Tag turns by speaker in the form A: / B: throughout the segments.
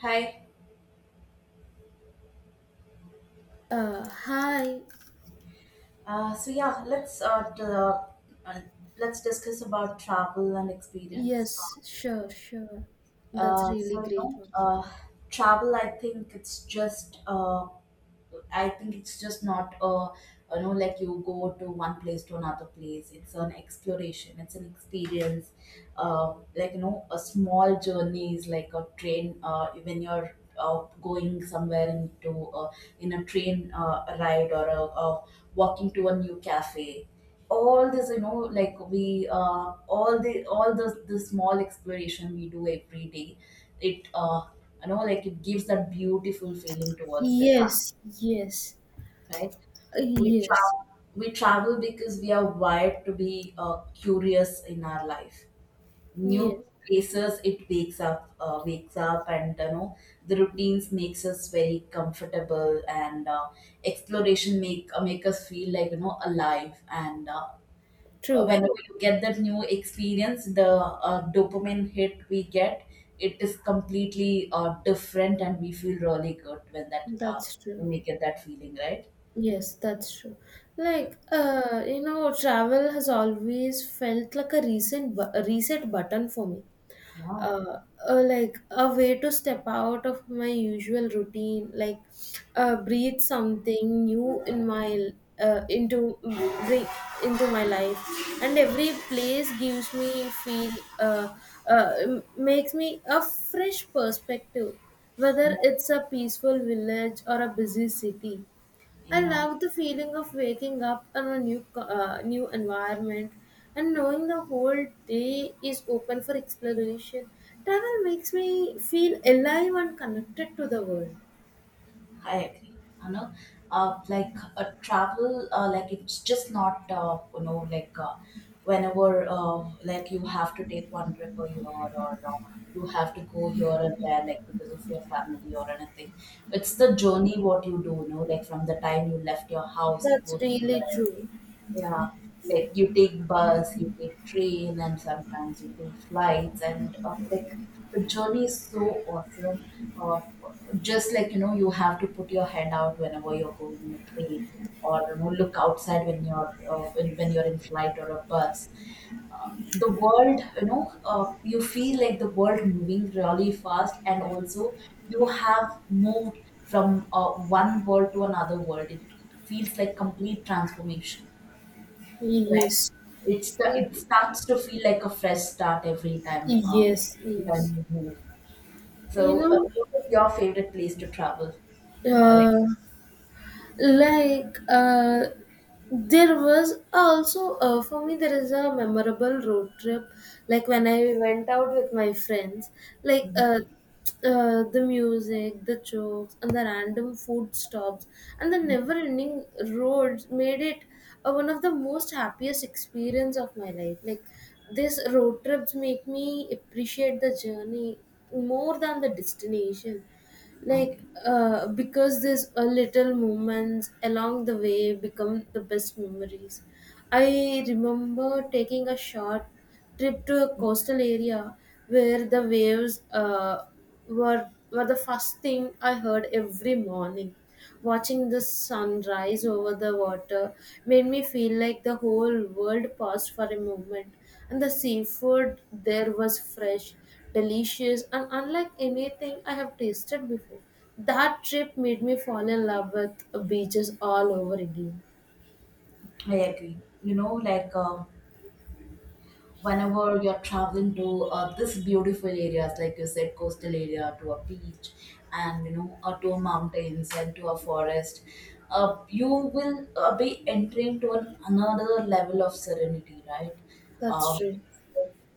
A: Hi.
B: Hi.
A: So yeah, uh, let's discuss about travel and experience.
B: Yes, sure, sure. That's
A: Uh,
B: really
A: so you
B: great
A: know,
B: one.
A: travel. I think it's just not a you know like you go to one place to another place. It's an exploration. It's an experience. Like you know, a small journey is like a train. When you're going somewhere into uh, in a train ride or a walking to a new cafe. All this, you know, like we all the small exploration we do every day. It you know like it gives that beautiful feeling towards the travel,
B: Yes, yes,
A: right? We
B: yes,
A: travel. We travel because we are wired to be curious in our life.
B: yes.
A: New places, it wakes up, and you know the routines makes us very comfortable, and exploration make us feel like you know alive. And
B: True.
A: whenever you get that new experience, the dopamine hit we get, it is completely different, and we feel really good when that
B: That's
A: when
B: true.
A: we get that feeling, right?
B: Yes, that's true. Like, travel has always felt like a recent a reset button for me.
A: Yeah.
B: uh, like a way to step out of my usual routine, like breathe something new in my into bring into my life, and every place gives me feel uh, makes me a fresh perspective, whether
A: Yeah,
B: it's a peaceful village or a busy city. I
A: yeah,
B: love the feeling of waking up in a new new environment, and knowing the whole day is open for exploration. Travel makes me feel alive and connected to the world.
A: I agree. You know, travel, like it's just not, you know, whenever, like you have to take one trip a year or you have to go here and there, like because of your family or anything. It's the journey what you do, you know, like from the time you left your house to
B: That's
A: go
B: really
A: somewhere.
B: true.
A: Yeah, like you take bus, you take train, and sometimes you take flights, and like the journey is so awesome. Uh, just like you know, you have to put your head out whenever you're going in the train, or you know, look outside when when you're in flight or a bus. The world, you know, you feel like the world moving really fast, and also you have moved from one world to another world. It feels like complete transformation. Right.
B: Yes.
A: It's the it starts to feel like a fresh start
B: Yes,
A: every
B: yes.
A: time you move.
B: You
A: So,
B: know,
A: what is your favorite place to travel? Or like,
B: uh, like there was also for me there is a memorable road trip, like when I went out with my friends, like
A: mhm.
B: the music, the jokes, and the random food stops, and the never ending roads made it one of the most happiest experience of my life, like these road trips make me appreciate the journey more than the destination.
A: I
B: Like
A: agree.
B: because these little moments along the way become the best memories. I remember taking a short trip to a coastal area where the waves were the first thing I heard every morning. Watching the sunrise over the water made me feel like the whole world paused for a moment, and the seafood there was fresh, delicious, and unlike anything I have tasted before. That trip made me fall in love with beaches all over again.
A: I agree. You know, whenever you're traveling to this beautiful areas like you said coastal area to a beach and you know to mountains and to a forest, you will be entering to another level of serenity, right?
B: That's
A: uh,
B: true.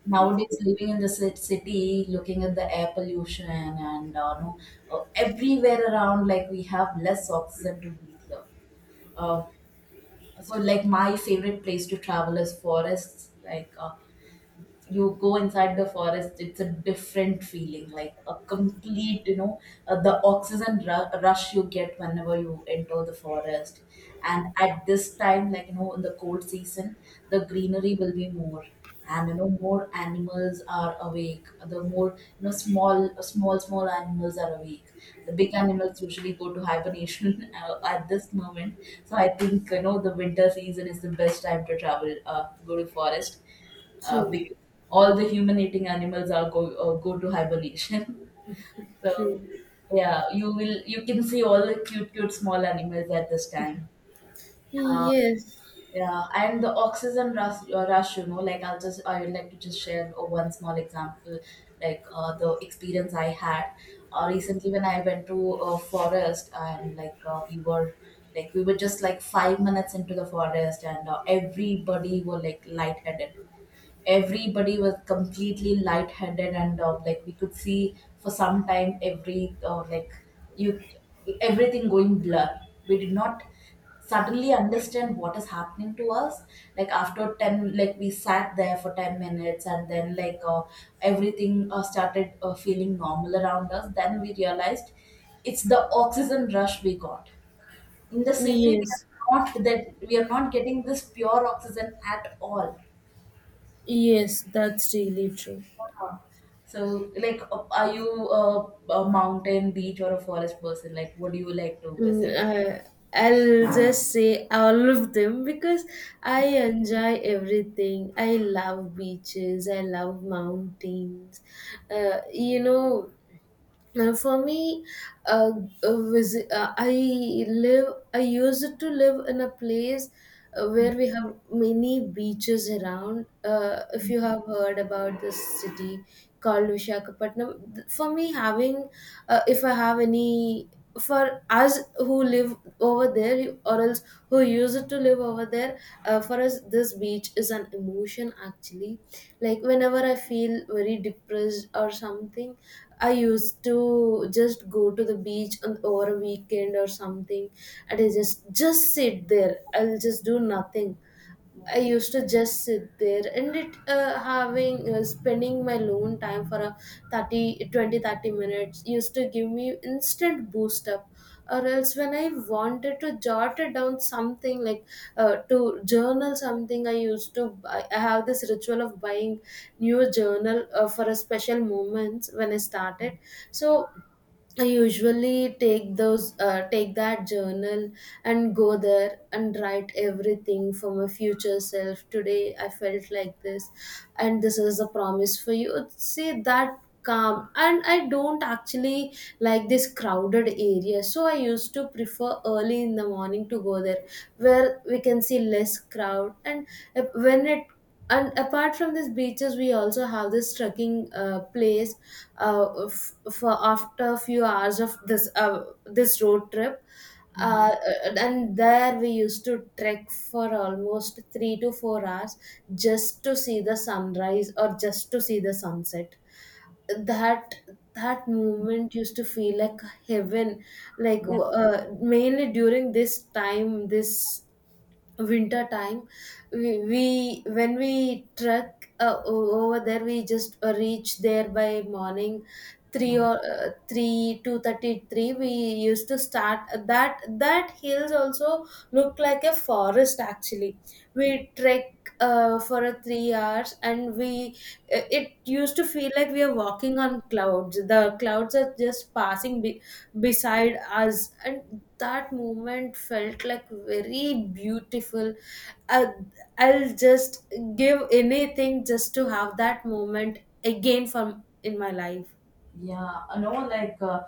A: nowadays living in the city looking at the air pollution and no, everywhere around like we have less oxygen to breathe here. Uh, so like my favorite place to travel is forests, you go inside the forest it's a different feeling like a complete you know, the oxygen rush you get whenever you enter the forest, and at this time like you know in the cold season the greenery will be more, and you know more animals are awake, the more you know small animals are awake. The big animals usually go to hibernation at this moment. So I think you know the winter season is the best time to travel, go to forest,
B: True.
A: because all the human eating animals are go to hibernation. So
B: True.
A: yeah, you can see all the cute small animals at this time. Uh,
B: Yes,
A: yeah, and the oxygen rush, you know, I would like to just share one small example, the experience I had recently when I went to a forest, and like we were just like 5 minutes into the forest, and everybody were like lightheaded. Everybody was completely lightheaded, and like we could see for some time every like you everything going blur. We did not suddenly understand what is happening to us. Like after 10 like we sat there for 10 minutes, and then everything started feeling normal around us, then we realized it's the oxygen rush we got. In the city we
B: yes,
A: are, not that we are not getting this pure oxygen at all.
B: yes, that's really true.
A: Yeah. So, like, are you a mountain, beach, or a forest person? Like, what do you like to
B: Mm,
A: visit?
B: uh, I'll just say all of them because I enjoy everything. I love beaches, I love mountains. Uh, you know, for me, uh, I live. I used to live in a place where we have many beaches around. If you have heard about this city called Vishakhapatnam, for me, having if I have any, for us who live over there, or else who used to live over there, for us this beach is an emotion, actually, like whenever I feel very depressed or something, I used to just go to the beach on over a weekend or something, and I just sit there. I'll just do nothing. I
A: Yeah.
B: used to just sit there, and it having spending my alone time for a thirty, 20-30 minutes used to give me instant boost up, or else when I wanted to jot it down something, like to journal something, I used to, I have this ritual of buying new journal for a special moments when I started. So I usually take those take that journal and go there and write everything for my future self. Today I felt like this, and this is a promise for you. See that calm, and I don't actually like this crowded area, so I used to prefer early in the morning to go there, where we can see less crowd, and when it. And apart from these beaches, we also have this trekking place, for after a few hours of this road trip, and there we used to trek for almost 3 to 4 hours, just to see the sunrise or just to see the sunset. That that moment used to feel like heaven. Like
A: Yeah.
B: mainly during this time, this winter time, we when we trek over there, we just reach there by morning 3,
A: Yeah.
B: or 3, two thirty three. We used to start. That hills also look like a forest, actually. We trek for a 3 hours, and we it used to feel like we are walking on clouds. The clouds are just passing beside us, and that moment felt like very beautiful. I, I'll just give anything just to have that moment again from in my life.
A: Yeah, I know, like, uh,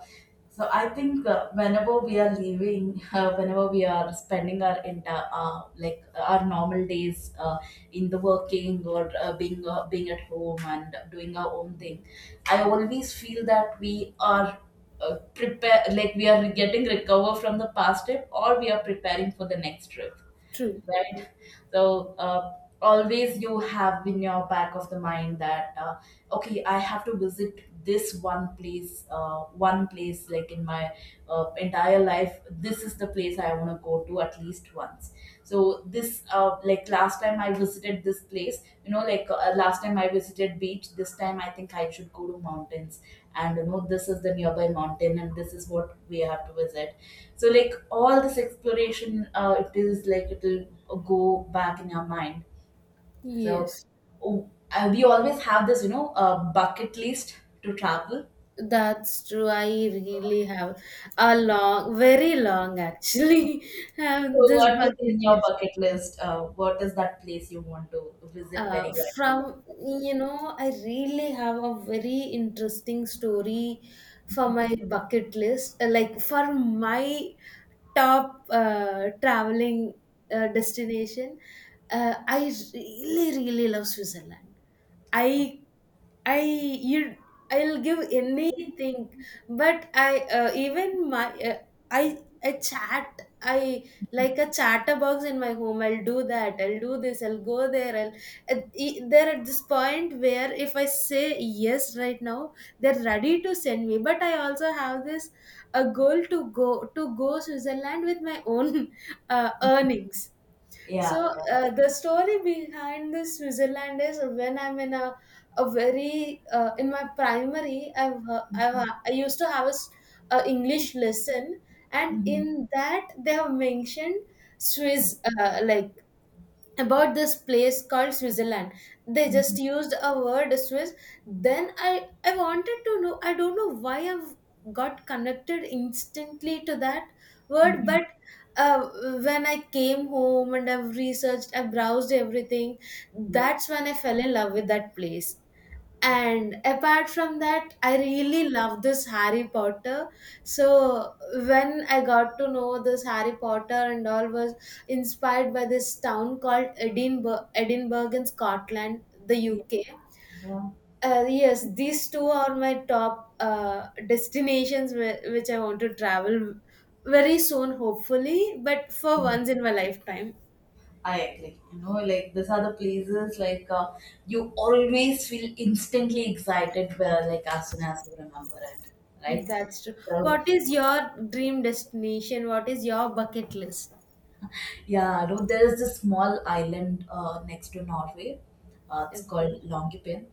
A: so I think whenever we are leaving, whenever we are spending our entire, our normal days in the working or being at home and doing our own thing, I always feel that we are we are getting recover from the past trip or we are preparing for the next trip,
B: True.
A: right? So always you have in your back of the mind that okay, I have to visit this one place like in my entire life. This is the place I want to go to at least once. So this like last time I visited this place, you know, last time I visited beach. This time I think I should go to mountains, and you know, this is the nearby mountain, and this is what we have to visit. So like all this exploration, it is like it'll go back in your mind. So
B: Yes.
A: oh, we always have this, you know, bucket list to travel.
B: That's true. I really have a long, very long, actually,
A: So
B: have this
A: what is
B: bucket
A: in your
B: list.
A: bucket list? What is that place you want to visit
B: Uh,
A: very badly?
B: from
A: Like,
B: You know, I really have a very interesting story for my bucket list. Like for my top traveling destination, I really love Switzerland. i I you I'll give anything, but I even my I like a chatterbox in my home. I'll do that. I'll do this. I'll go there. They're at this point where if I say yes right now, they're ready to send me, but I also have this a goal to go Switzerland with my own earnings. So
A: yeah, yeah.
B: the story behind this Switzerland is when I'm in a very in my primary,
A: Mhm,
B: I used to have a english lesson, and
A: mhm,
B: in that they have mentioned Swiss, like about this place called Switzerland. They just
A: mhm,
B: used a word Swiss. Then I wanted to know. I don't know why I've got connected instantly to that word,
A: mhm,
B: but uh, when I came home and I've researched, I browsed everything.
A: mhm.
B: That's when I fell in love with that place.
A: Yeah,
B: And apart from that, I really love this Harry Potter. So when I got to know this Harry Potter and all was inspired by this town called Edinburgh, Edinburgh in Scotland, the
A: yeah,
B: UK.
A: yeah,
B: Yes, these two are my top destinations which I want to travel very soon, hopefully, but for
A: yeah.
B: once in my lifetime.
A: I agree. You know, like these are the places you always feel instantly excited where like as soon as you remember it, right?
B: That's true.
A: So
B: What is your dream destination? What is your bucket list?
A: yeah, no, there is this small island next to Norway. It's called
B: Okay.
A: Longyearbyen.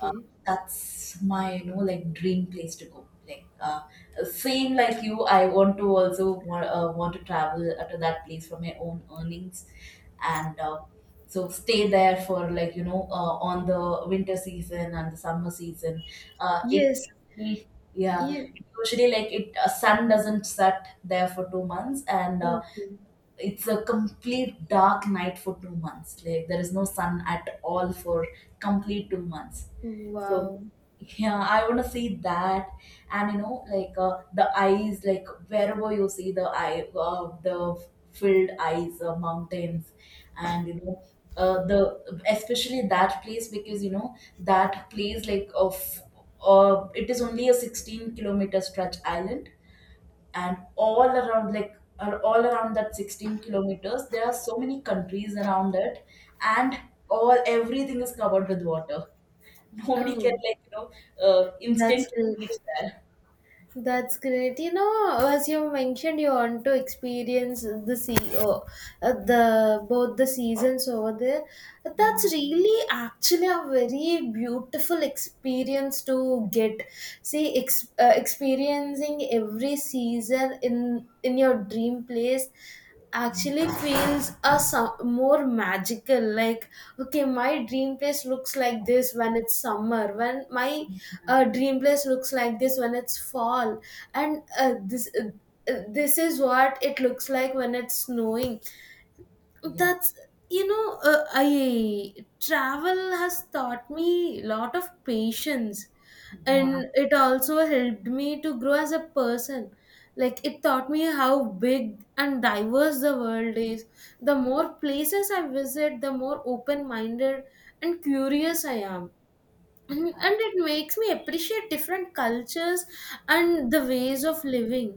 A: uh, that's my you know like dream place to go, same like you, I want to want to travel to that place from my own earnings, and so stay there for like you know on the winter season and the summer season. It
B: Yes.
A: Yeah,
B: Yeah.
A: it usually like it sun doesn't set there for 2 months, and
B: Okay.
A: it's a complete dark night for 2 months. Like there is no sun at all for complete 2 months. So
B: Wow.
A: yeah, I want to see that, and you know, the eyes, like wherever you see the eye, the filled eyes, mountains, and you know. The especially that place because you know that place like of it is only a 16-kilometer stretch island, and all around like are all around that 16 kilometers there are so many countries around it, and all everything is covered with water. Nobody can
B: Oh,
A: like you know
B: that's
A: instantly
B: good.
A: reach there.
B: That's great. You know, as you mentioned, you want to experience the the both the seasons over there.
A: Yeah.
B: That's really actually a very beautiful experience to get. See, experiencing every season in your dream place actually feels more magical. Like, okay, my dream place looks like this when it's summer, when my
A: Yeah.
B: a dream place looks like this when it's fall, and this is what it looks like when it's snowing.
A: Yeah.
B: That's, you know I travel has taught me lot of patience,
A: Yeah.
B: and it also helped me to grow as a person. Like it taught me how big and diverse the world is. The more places I visit, the more open minded and curious I am, and it makes me appreciate different cultures and the ways of living,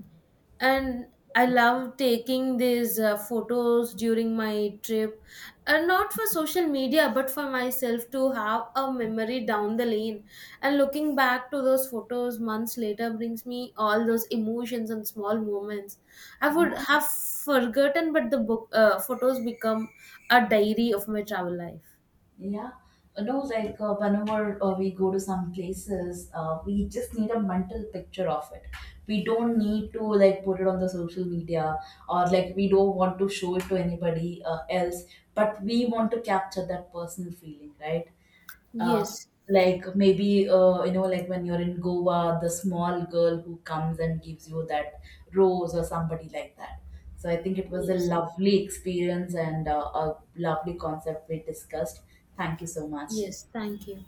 B: and I love taking these photos during my trip, and not for social media but for myself to have a memory down the lane. And looking back to those photos months later brings me all those emotions and small moments I
A: Yeah.
B: would have forgotten, but the book photos become a diary of my travel life.
A: Yeah. No, whenever we go to some places, we just need a mental picture of it. We don't need to like put it on the social media, or like we don't want to show it to anybody else, but we want to capture that personal feeling, right? Uh,
B: Yes.
A: like maybe you know like when you're in goa the small girl who comes and gives you that rose or somebody like that. So I think it was a
B: yes
A: lovely experience, and a lovely concept we discussed. Thank you so much.
B: Yes, thank you.